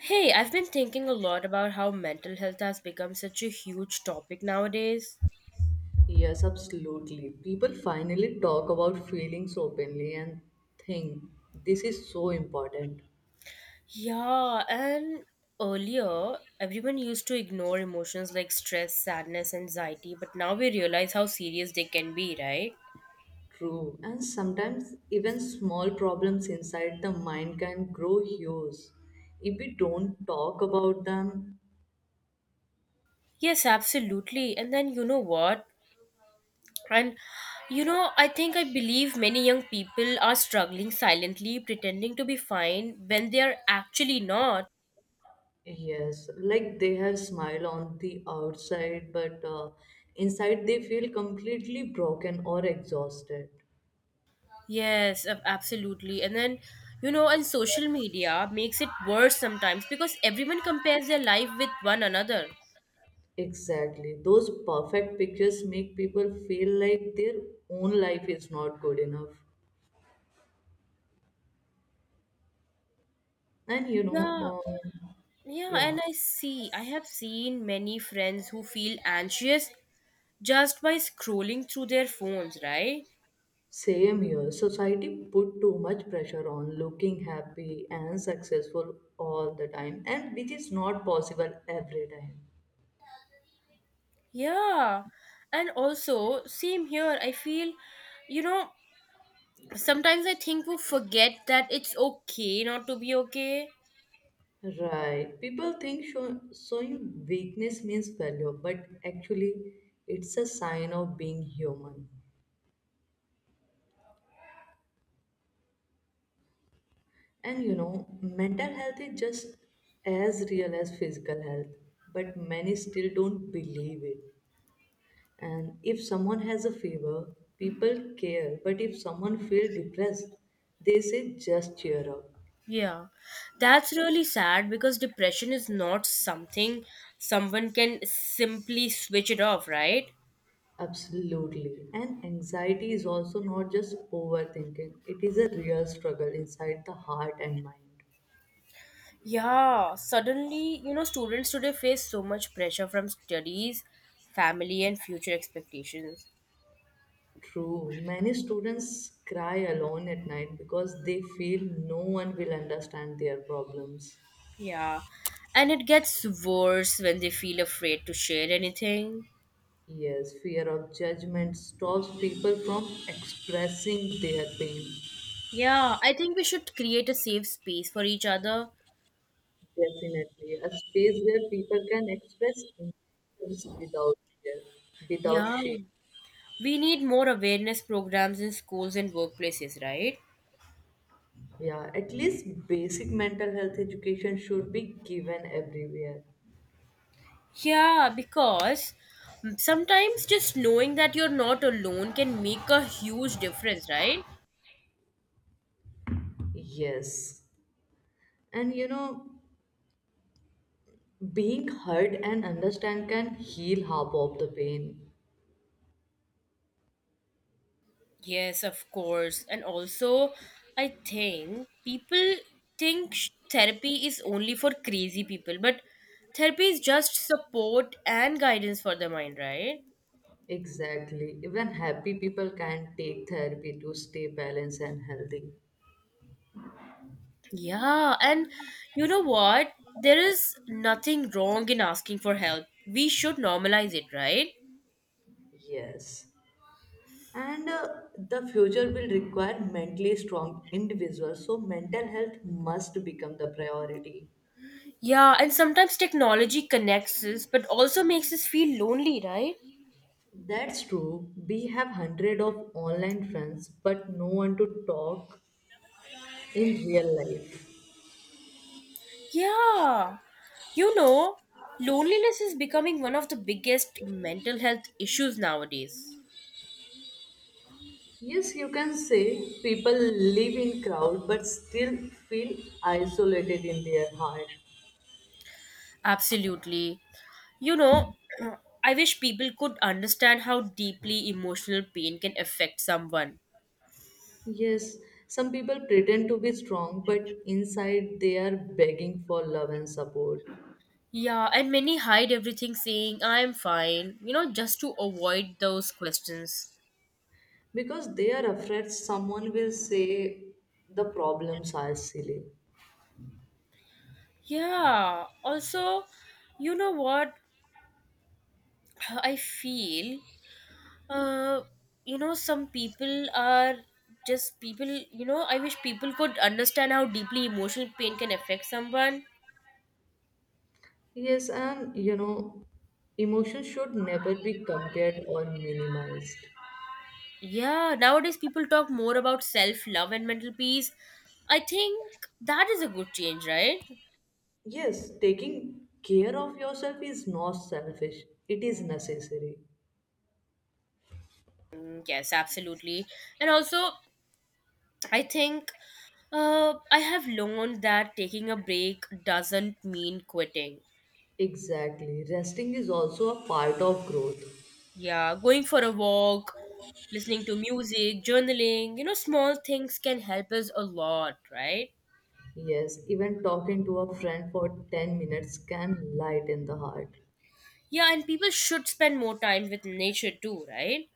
Hey, I've been thinking a lot about how mental health has become such a huge topic nowadays. Yes, absolutely. People finally talk about feelings openly and think this is so important. Yeah, and earlier, everyone used to ignore emotions like stress, sadness, anxiety, but now we realize how serious they can be, right? True. And sometimes even small problems inside the mind can grow huge if we don't talk about them. Yes, absolutely. And then you know what? And I think I believe many young people are struggling silently, pretending to be fine when they are actually not. Yes, like they have smile on the outside, but inside they feel completely broken or exhausted. Yes, absolutely. And then, and social media makes it worse sometimes because everyone compares their life with one another. Exactly. Those perfect pictures make people feel like their own life is not good enough. And you Yeah, know, um, yeah, yeah, and I see. I have seen many friends who feel anxious just by scrolling through their phones, right? Same here. Society put too much pressure on looking happy and successful all the time, and which is not possible every time. Yeah. And also, same here. I feel, you know, Sometimes I think we forget that it's okay not to be okay. Right. People think showing weakness means failure, but actually, it's a sign of being human. And you know, mental health is just as real as physical health, but many still don't believe it. And if someone has a fever, people care, but if someone feels depressed, they say just cheer up. Yeah, that's really sad because depression is not something someone can simply switch it off, right? Absolutely. And anxiety is also not just overthinking, it is a real struggle inside the heart and mind. Students today face so much pressure from studies, family, and future expectations. True. Many students cry alone at night because they feel no one will understand their problems. Yeah, and it gets worse when they feel afraid to share anything. Yes, fear of judgment stops people from expressing their pain. Yeah, I think we should create a safe space for each other. Definitely, a space where people can express emotions without fear, without Yeah, shame. we need more awareness programs in schools and workplaces, right? Yeah, at least basic mental health education should be given everywhere. Yeah, because sometimes just knowing that you're not alone can make a huge difference, right? Yes, and you know, being heard and understand can heal half of the pain. Yes, of course. And also, I think people think therapy is only for crazy people, but therapy is just support and guidance for the mind, right? Exactly. Even happy people can take therapy to stay balanced and healthy. Yeah, and you know what? There is nothing wrong in asking for help. We should normalize it, right? Yes. And the future will require mentally strong individuals, so mental health must become the priority. Yeah, and sometimes technology connects us but also makes us feel lonely, right? That's true. We have hundred of online friends, but no one to talk in real life. Yeah. You know, Loneliness is becoming one of the biggest mental health issues nowadays. Yes, you can say people live in crowd but still feel isolated in their heart. Absolutely. You know, I wish people could understand how deeply emotional pain can affect someone. Yes, some people pretend to be strong, but inside they are begging for love and support. Yeah, and many hide everything saying, I'm fine, just to avoid those questions. Because they are afraid someone will say the problems are silly. Yeah, also, you know what? I feel, uh, you know, Some people are just people, I wish people could understand how deeply emotional pain can affect someone. Yes, and you know, emotions should never be compared or minimized. Yeah, nowadays people talk more about self love and mental peace. I think that is a good change, right? Yes, taking care of yourself is not selfish, it is necessary. Mm, yes, absolutely. And also, I think I have learned that taking a break doesn't mean quitting. Exactly, resting is also a part of growth. Yeah, going for a walk, listening to music, journaling, small things can help us a lot, right? Yes, even talking to a friend for 10 minutes can lighten the heart. Yeah, and people should spend more time with nature too, right?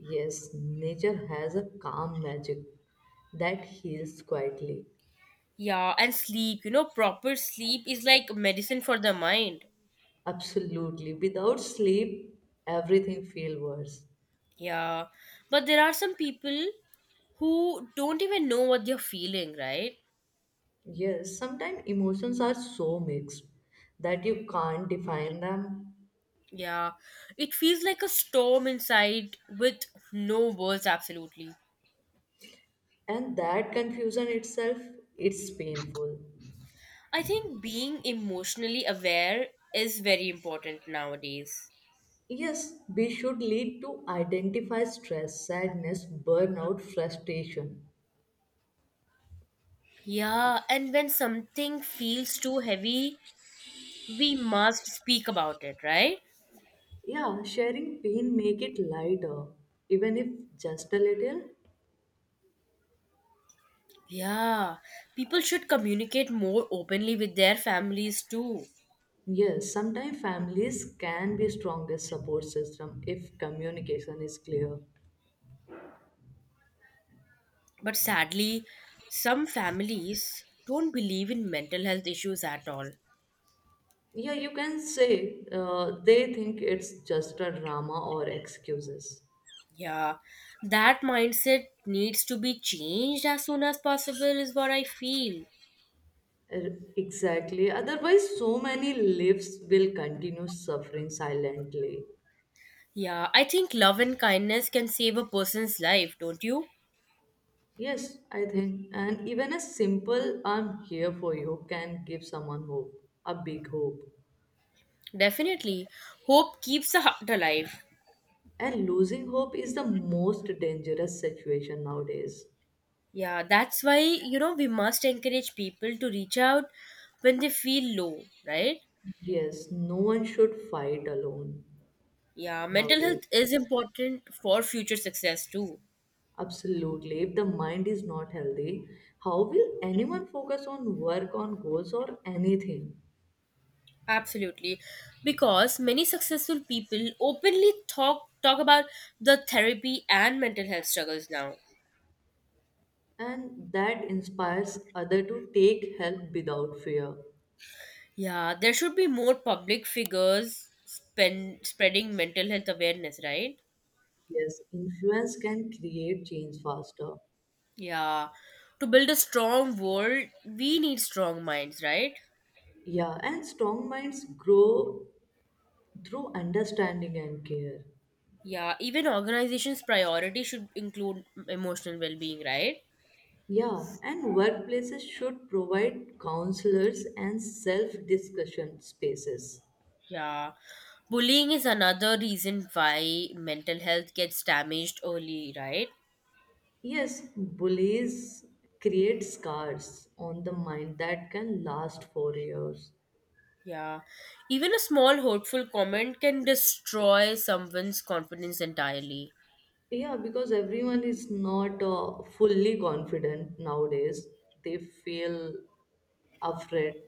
Yes, nature has a calm magic that heals quietly. Yeah, and sleep, proper sleep is like medicine for the mind. Absolutely. Without sleep, everything feels worse. Yeah, but there are some people who don't even know what they're feeling, right? Yes, sometimes emotions are so mixed that you can't define them, Yeah, it feels like a storm inside with no words, absolutely. and that confusion itself it's painful. I think being emotionally aware is very important nowadays. Yes, we should lead to identify stress, sadness, burnout, frustration. Yeah, and when something feels too heavy, we must speak about it, right? Yeah, sharing pain make it lighter, even if just a little. Yeah, people should communicate more openly with their families too. Yes, sometimes families can be strongest support system if communication is clear. But sadly, some families don't believe in mental health issues at all. Yeah, you can say they think it's just a drama or excuses. Yeah, that mindset needs to be changed as soon as possible, is what I feel. Exactly. Otherwise, so many lives will continue suffering silently. Yeah, I think love and kindness can save a person's life, don't you? Yes, I think. And even a simple I'm here for you can give someone hope, a big hope. Definitely. Hope keeps the heart alive. And losing hope is the most dangerous situation nowadays. Yeah, that's why, we must encourage people to reach out when they feel low, right? Yes, no one should fight alone Yeah, mental nowadays. health is important for future success too. Absolutely. If the mind is not healthy, how will anyone focus on work, on goals, or anything? Absolutely. Because many successful people openly talk about the therapy and mental health struggles now. And that inspires other to take help without fear. Yeah, there should be more public figures spreading mental health awareness, right? Yes, influence can create change faster. Yeah. To build a strong world, we need strong minds, right? Yeah, and strong minds grow through understanding and care. Yeah, even organizations' priority should include emotional well being, right? Yeah, and workplaces should provide counselors and self discussion spaces. Yeah. Bullying is another reason why mental health gets damaged early, right? Yes, bullies create scars on the mind that can last for years. Yeah. Even a small hurtful comment can destroy someone's confidence entirely. Yeah, because everyone is not fully confident nowadays. They feel afraid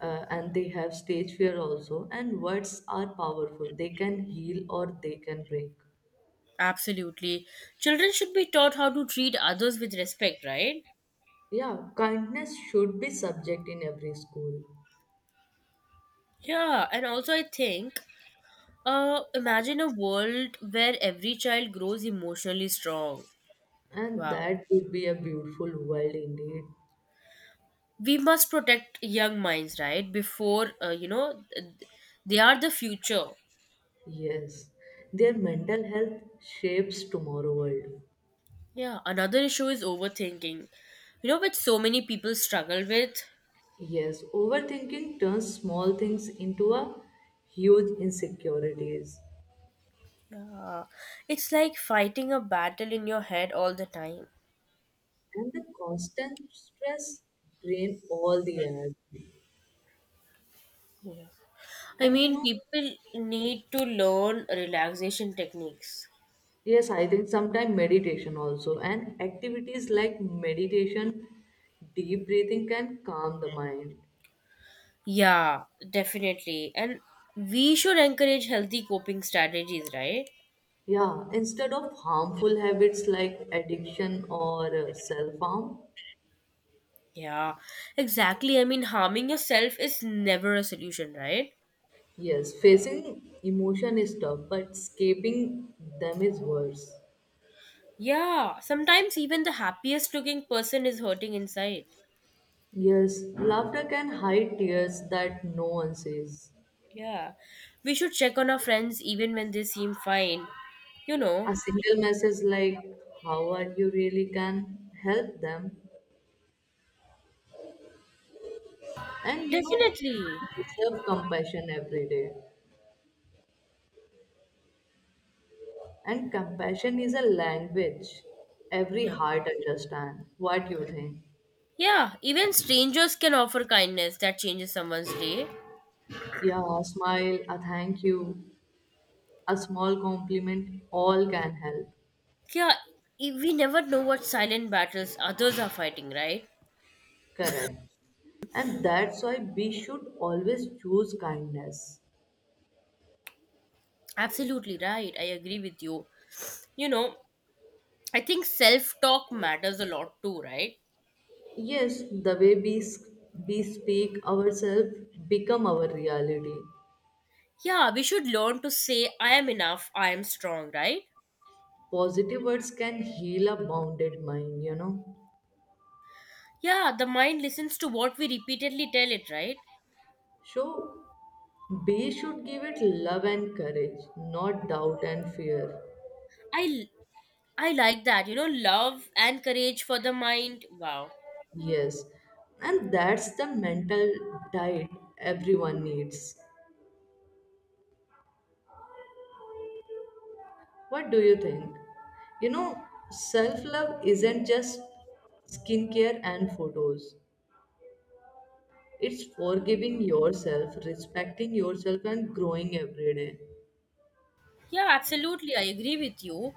and they have stage fear also. And words are powerful, they can heal or they can break. Absolutely. Children should be taught how to treat others with respect, right? Yeah, kindness should be subject in every school. Yeah, and also I think imagine a world where every child grows emotionally strong. And Wow. that would be a beautiful world indeed. We must protect young minds, right? Before they are the future. Yes, their mental health shapes tomorrow world. Yeah, another issue is overthinking. Which so many people struggle with. Yes, overthinking turns small things into a huge insecurities, Yeah. It's like fighting a battle in your head all the time. and the constant stress drain all the energy. I And you mean, know, people need to learn relaxation techniques. yes, I think sometimes meditation also and activities like meditation, deep breathing can calm the mind. Yeah, definitely. And we should encourage healthy coping strategies, right? Yeah, instead of harmful habits like addiction or self harm. Yeah, exactly. I mean, harming yourself is never a solution, right? Yes, facing emotion is tough, but escaping them is worse. Yeah, sometimes even the happiest looking person is hurting inside. Yes, laughter can hide tears that no one sees. Yeah, we should check on our friends even when they seem fine, you know. A single message like, How are you really can help them. And you know, Definitely. people deserve compassion every day. And compassion is a language every Yeah. heart understands. What do you think? Yeah, even strangers can offer kindness that changes someone's day. Yeah, a smile, a thank you, a small compliment, all can help. Yeah, we never know what silent battles others are fighting, right? Correct. And that's why we should always choose kindness. Absolutely right. I agree with you. You know, I think self talk matters a lot too, right? Yes, the way we speak ourselves become our reality. Yeah, we should learn to say, I am enough, I am strong, right? Positive words can heal a bounded mind, you know. Yeah, the mind listens to what we repeatedly tell it, right? So we should give it love and courage, not doubt and fear. I, I like that. You know, love and courage for the mind. Wow. Yes, and that's the mental diet everyone needs. What do you think? You know, self love isn't just skincare and photos. It's forgiving yourself, respecting yourself, and growing every day. Yeah, absolutely. I agree with you.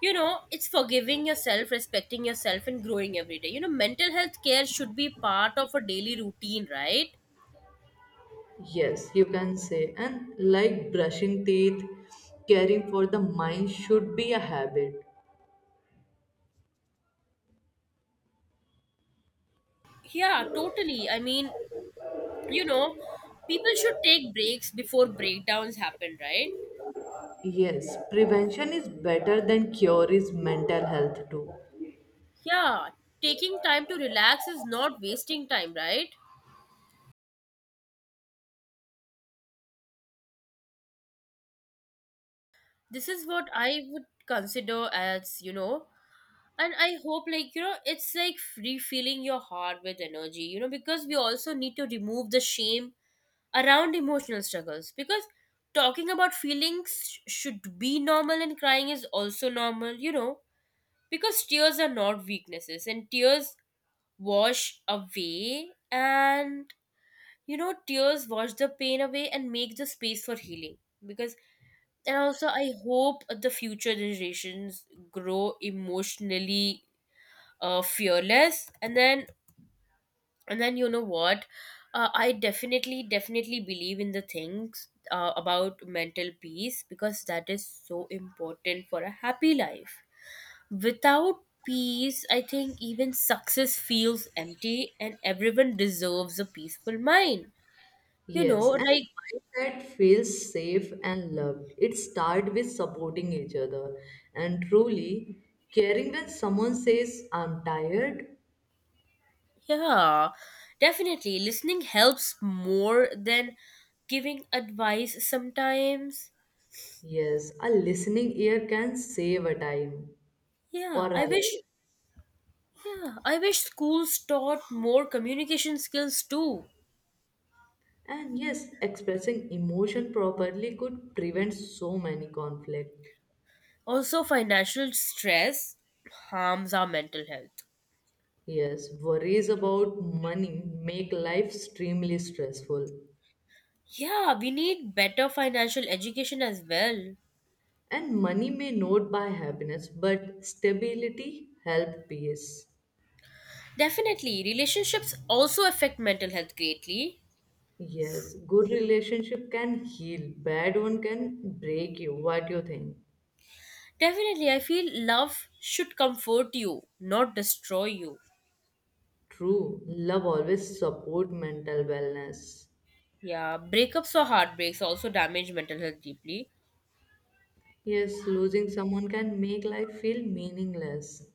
You know, it's forgiving yourself, respecting yourself, and growing every day. You know, mental health care should be part of a daily routine, right? Yes, you can say. And like brushing teeth, caring for the mind should be a habit. Yeah, totally. I mean, you know, people should take breaks before breakdowns happen, right? Yes, prevention is better than cure is mental health too. Yeah, taking time to relax is not wasting time, right? This is what I would consider as, and I hope, like, it's like refilling your heart with energy, because we also need to remove the shame around emotional struggles because talking about feelings should be normal and crying is also normal, because tears are not weaknesses and tears wash away and tears wash the pain away and make the space for healing because and also I hope the future generations grow emotionally fearless. And then and then you know what? I definitely believe in the things about mental peace because that is so important for a happy life. Without peace I think even success feels empty and everyone deserves a peaceful mind. you know Yes, and like mindset feels safe and loved. It starts with supporting each other and truly caring when someone says, I'm tired. yeah, definitely listening helps more than giving advice sometimes. Yes, a listening ear can save a time. yeah Or i alive. wish Yeah, I wish schools taught more communication skills too. And yes, expressing emotion properly could prevent so many conflict. Also, financial stress harms our mental health. Yes, worries about money make life extremely stressful. Yeah, we need better financial education as well. And money may not buy happiness, but stability help peace. Definitely, relationships also affect mental health greatly. Yes, good relationship can heal, bad one can break you. What do you think? Definitely, I feel love should comfort you, not destroy you. True, love always support mental wellness. Yeah, breakups or heartbreaks also damage mental health deeply. Yes, losing someone can make life feel meaningless.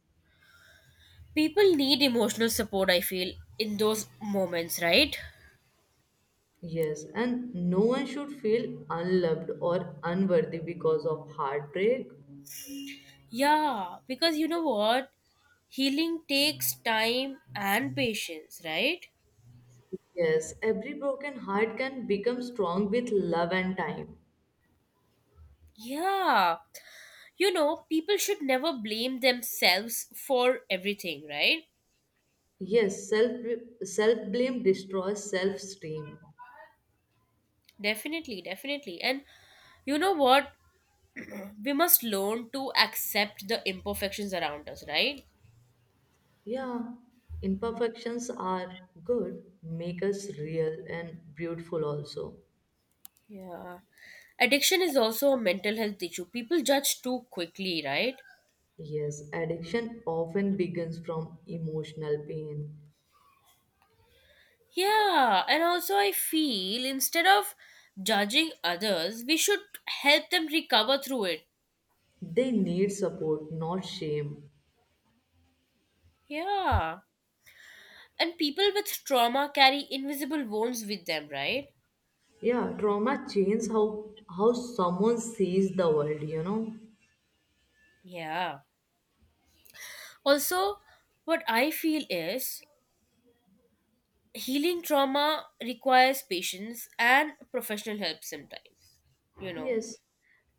People need emotional support, I feel, in those moments, right? Yes, and no one should feel unloved or unworthy because of heartbreak. Yeah, because you know what? Healing takes time and patience, right? Yes, every broken heart can become strong with love and time. Yeah. People should never blame themselves for everything, right? Yes, self blame destroys self esteem. Definitely, definitely. And you know what? We must learn to accept the imperfections around us, right? Yeah, imperfections are good, make us real and beautiful also. Yeah. Addiction is also a mental health issue. People judge too quickly, right? Yes, addiction often begins from emotional pain. Yeah, and also I feel instead of judging others, we should help them recover through it. They need support, not shame. Yeah. And people with trauma carry invisible wounds with them, right? Yeah, trauma changes how someone sees the world, you know. Yeah. Also, what I feel is healing trauma requires patience and professional help sometimes, you know. Yes,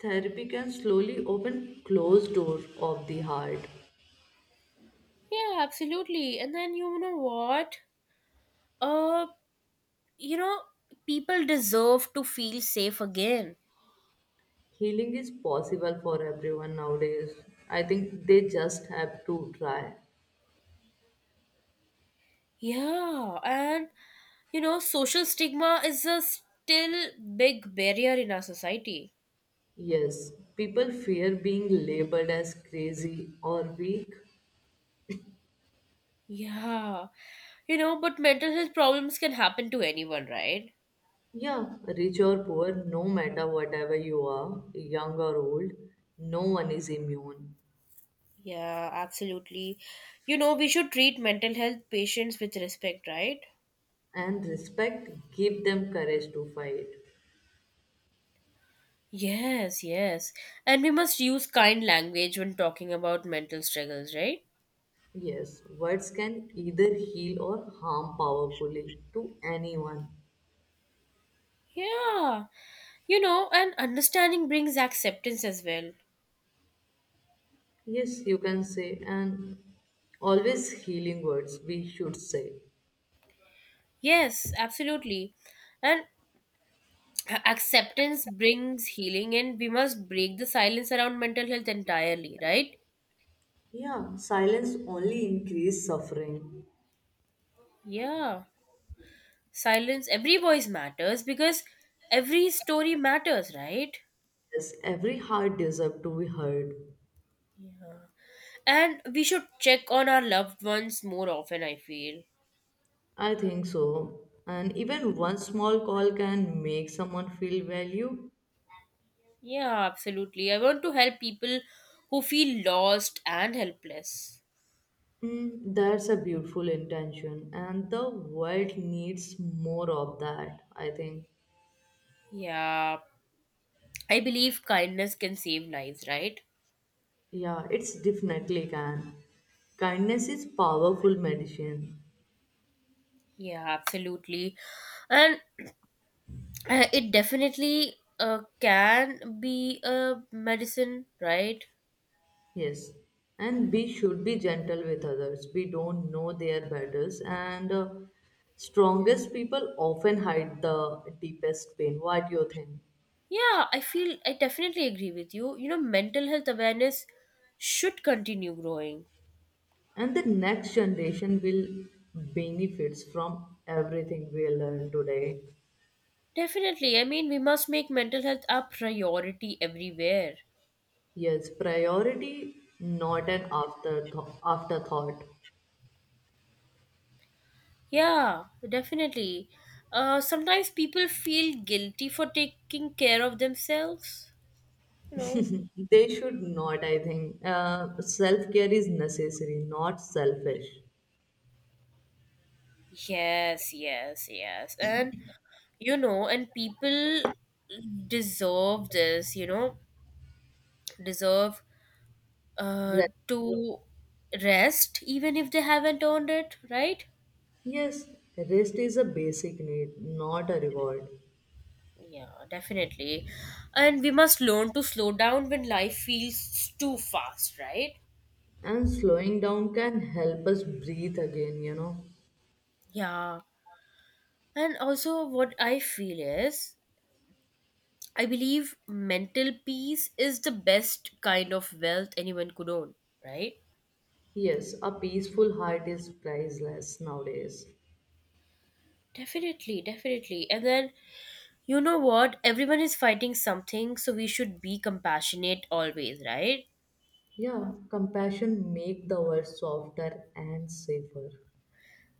therapy can slowly open closed doors of the heart. Yeah, absolutely. And then you know what? Uh, you know, People deserve to feel safe again. Healing is possible for everyone nowadays. I think they just have to try. Yeah, and social stigma is a still big barrier in our society. Yes, people fear being labeled as crazy or weak. Yeah, but mental health problems can happen to anyone, right? Yeah, rich or poor, no matter whatever you are, young or old, no one is immune. Yeah, absolutely. We should treat mental health patients with respect, right? And respect give them courage to fight. Yes, yes. And we must use kind language when talking about mental struggles, right? Yes, words can either heal or harm powerfully to anyone. Yeah. And understanding brings acceptance as well. Yes, you can say, and always healing words we should say. Yes, absolutely. And acceptance brings healing and we must break the silence around mental health entirely, right? Yeah, silence only increases suffering. Yeah, silence every voice matters because every story matters, right? Yes, every heart deserves to be heard. Yeah, and we should check on our loved ones more often, I feel. I think so. And even one small call can make someone feel valued. Yeah, absolutely, I want to help people who feel lost and helpless. Mm, that's a beautiful intention, and the world needs more of that, I think. Yeah, I believe kindness can save lives, right? Yeah, it's definitely can. Kindness is powerful medicine. Yeah, absolutely. And it definitely can be a medicine, right? Yes. And we should be gentle with others. We don't know their battles and strongest people often hide the deepest pain. What do you think? Yeah, I feel I definitely agree with you. You know, mental health awareness should continue growing. And the next generation will benefits from everything we learn today. Definitely. I mean, we must make mental health a priority everywhere. Yes, priority not an afterthought. Afterthought. Yeah, definitely. Sometimes people feel guilty for taking care of themselves, you know. They should not, I think. Self care is necessary, not selfish. Yes, yes, yes. And, and people deserve this, you know deserve uh, Rest. to rest even if they haven't earned it, right? Yes, rest is a basic need, not a reward. Yeah, definitely. And we must learn to slow down when life feels too fast, right? And slowing down can help us breathe again, you know. Yeah, and also what I feel is I believe mental peace is the best kind of wealth anyone could own, right? Yes, a peaceful heart is priceless nowadays. Definitely, definitely. And then, you know what? Everyone is fighting something, so we should be compassionate always, right? Yeah, compassion make the world softer and safer.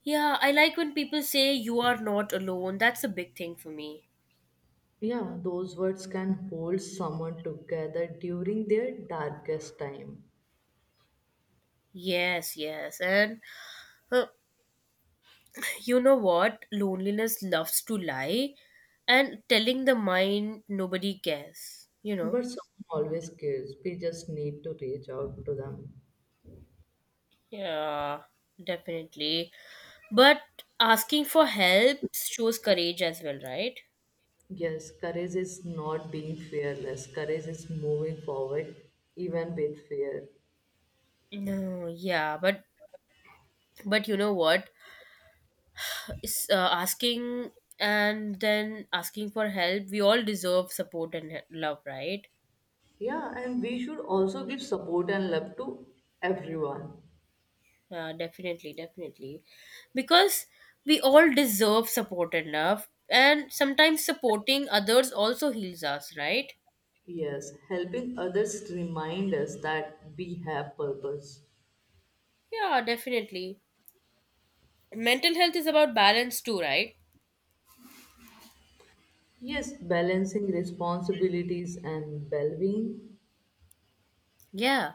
Yeah, I like when people say you are not alone. That's a big thing for me. Yeah, those words can hold someone together during their darkest time. Yes, yes. And uh, you know what? Loneliness loves to lie and telling the mind nobody cares, you know? But someone always cares. We just need to reach out to them. Yeah, definitely. But asking for help shows courage as well, right? Yes, courage is not being fearless. Courage is moving forward even with fear. No, yeah, but you know what? It's, asking and then asking for help, we all deserve support and love, right? Yeah, and we should also give support and love to everyone. Yeah, definitely, definitely. Because we all deserve support and love, and sometimes supporting others also heals us, right? Yes, helping others remind us that we have purpose. Yeah, definitely. Mental health is about balance too, right? Yes, balancing responsibilities and well-being Yeah.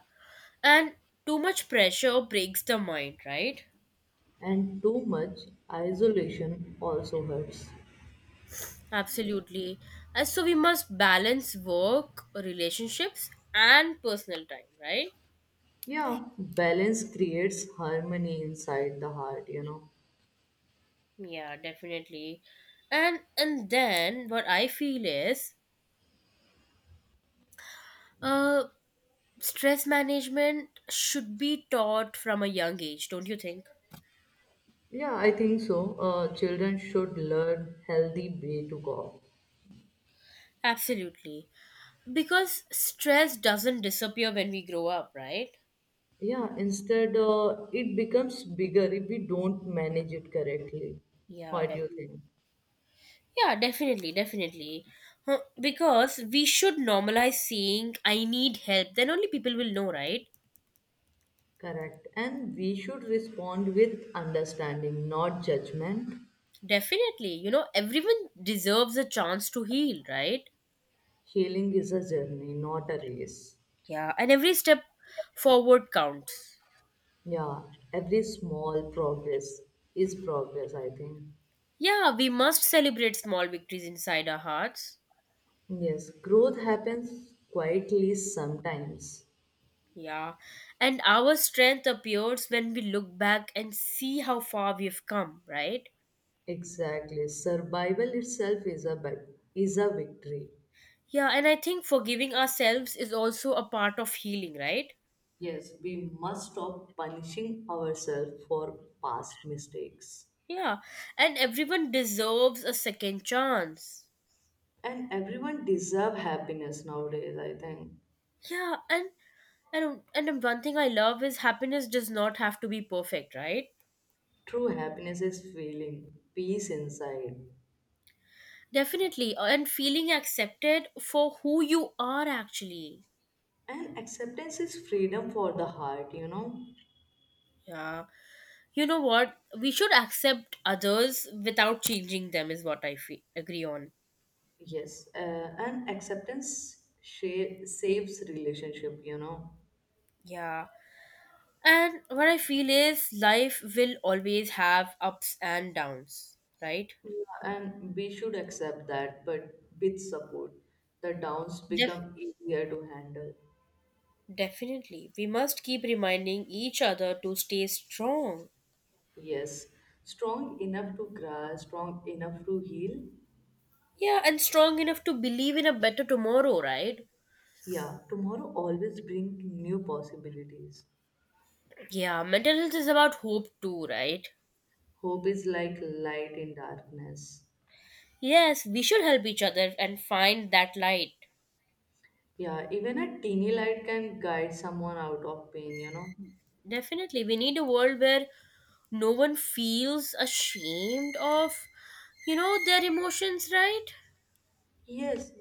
And too much pressure breaks the mind, right? and too much isolation also hurts. Absolutely. And so we must balance work, relationships, and personal time, right? Yeah, balance creates harmony inside the heart, you know. Yeah, definitely. And then what I feel is uh stress management should be taught from a young age, don't you think? Yeah, I think so. Children should learn healthy way to God. Absolutely. Because stress doesn't disappear when we grow up, right? Yeah, instead it becomes bigger if we don't manage it correctly. Yeah, What do you definitely. think? Yeah, definitely, definitely. Huh, because we should normalize saying, I need help. Then only people will know, right? Correct. And we should respond with understanding, not judgment. Definitely. You know, everyone deserves a chance to heal, right? Healing is a journey, not a race. Yeah, and every step forward counts. Yeah, every small progress is progress, I think. Yeah, we must celebrate small victories inside our hearts. Yes, growth happens quietly sometimes. Yeah, and our strength appears when we look back and see how far we've come, right? Exactly. Survival itself is a victory. Yeah, and I think forgiving ourselves is also a part of healing, right? Yes, we must stop punishing ourselves for past mistakes. Yeah, and everyone deserves a second chance. And everyone deserve happiness nowadays, I think. Yeah, and one thing I love is happiness does not have to be perfect, right? True happiness is feeling peace inside. Definitely, and feeling accepted for who you are actually. And acceptance is freedom for the heart, you know. Yeah. You know what? We should accept others without changing them, is what I agree on. Yes, and acceptance saves relationship, you know. Yeah. And what I feel is life will always have ups and downs, right? Yeah, and we should accept that, but with support, the downs Def- become easier to handle. Definitely. We must keep reminding each other to stay strong. Yes, strong enough to grow, strong enough to heal. Yeah, and strong enough to believe in a better tomorrow, right? Yeah, tomorrow always bring new possibilities. Yeah, mental health is about hope too, right? Hope is like light in darkness. Yes, we should help each other and find that light. Yeah, even a teeny light can guide someone out of pain, you know. Definitely. We need a world where no one feels ashamed of, their emotions, right? Yes,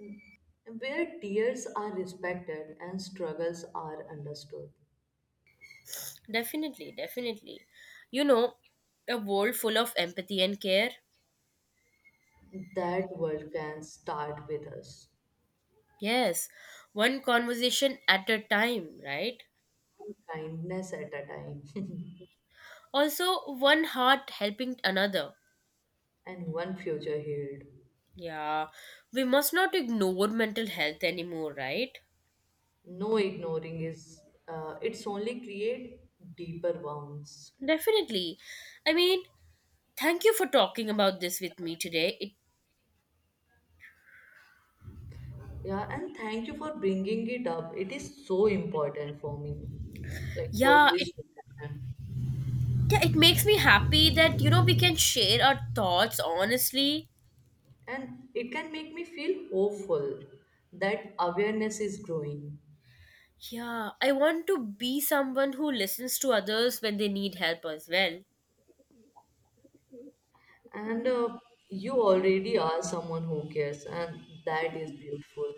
where tears are respected and struggles are understood. Definitely, definitely. you know a world full of empathy and care. That world can start with us. Yes, one conversation at a time, right? Kindness at a time Also one heart helping another. and one future healed. Yeah, we must not ignore mental health anymore, right? No ignoring is it's only create deeper wounds. Definitely. I mean, thank you for talking about this with me today. It Yeah, and thank you for bringing it up, it is so important for me, like for yeah it this to. Yeah, it makes me happy that, we can share our thoughts honestly. And it can make me feel hopeful that awareness is growing. Yeah, I want to be someone who listens to others when they need help as well. And you already are someone who cares and that is beautiful.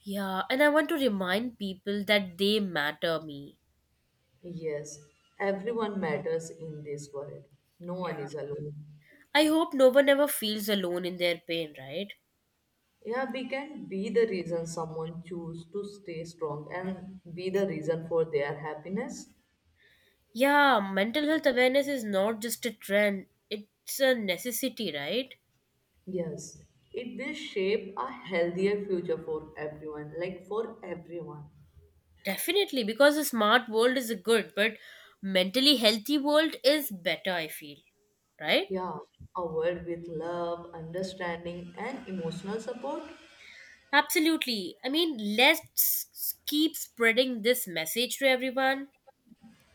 Yeah, and I want to remind people that they matter me. Yes, everyone matters in this world. No one Yeah. is alone. I hope no one ever feels alone in their pain, right? Yeah, we can be the reason someone choose to stay strong and be the reason for their happiness. Yeah, mental health awareness is not just a trend, it's a necessity, right? Yes, it will shape a healthier future for everyone, like for everyone. Definitely, because a smart world is good, but mentally healthy world is better, I feel, right? Yeah, a world with love, understanding, and emotional support. Absolutely. I mean, let's keep spreading this message to everyone.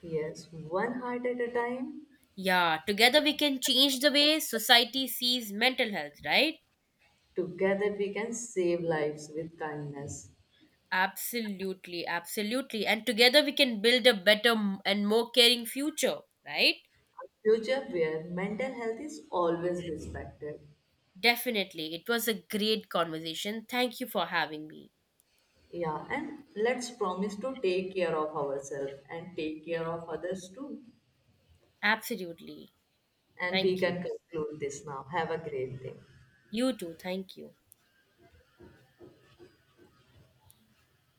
Yes, one heart at a time. Yeah, together we can change the way society sees mental health, right? Together we can save lives with kindness. Absolutely, absolutely. And together we can build a better and more caring future, right? Future where mental health is always respected. Definitely. It was a great conversation. Thank you for having me. Yeah, and let's promise to take care of ourselves and take care of others too. Absolutely. And we Thank can you. conclude this now. Have a great day. You too. Thank you.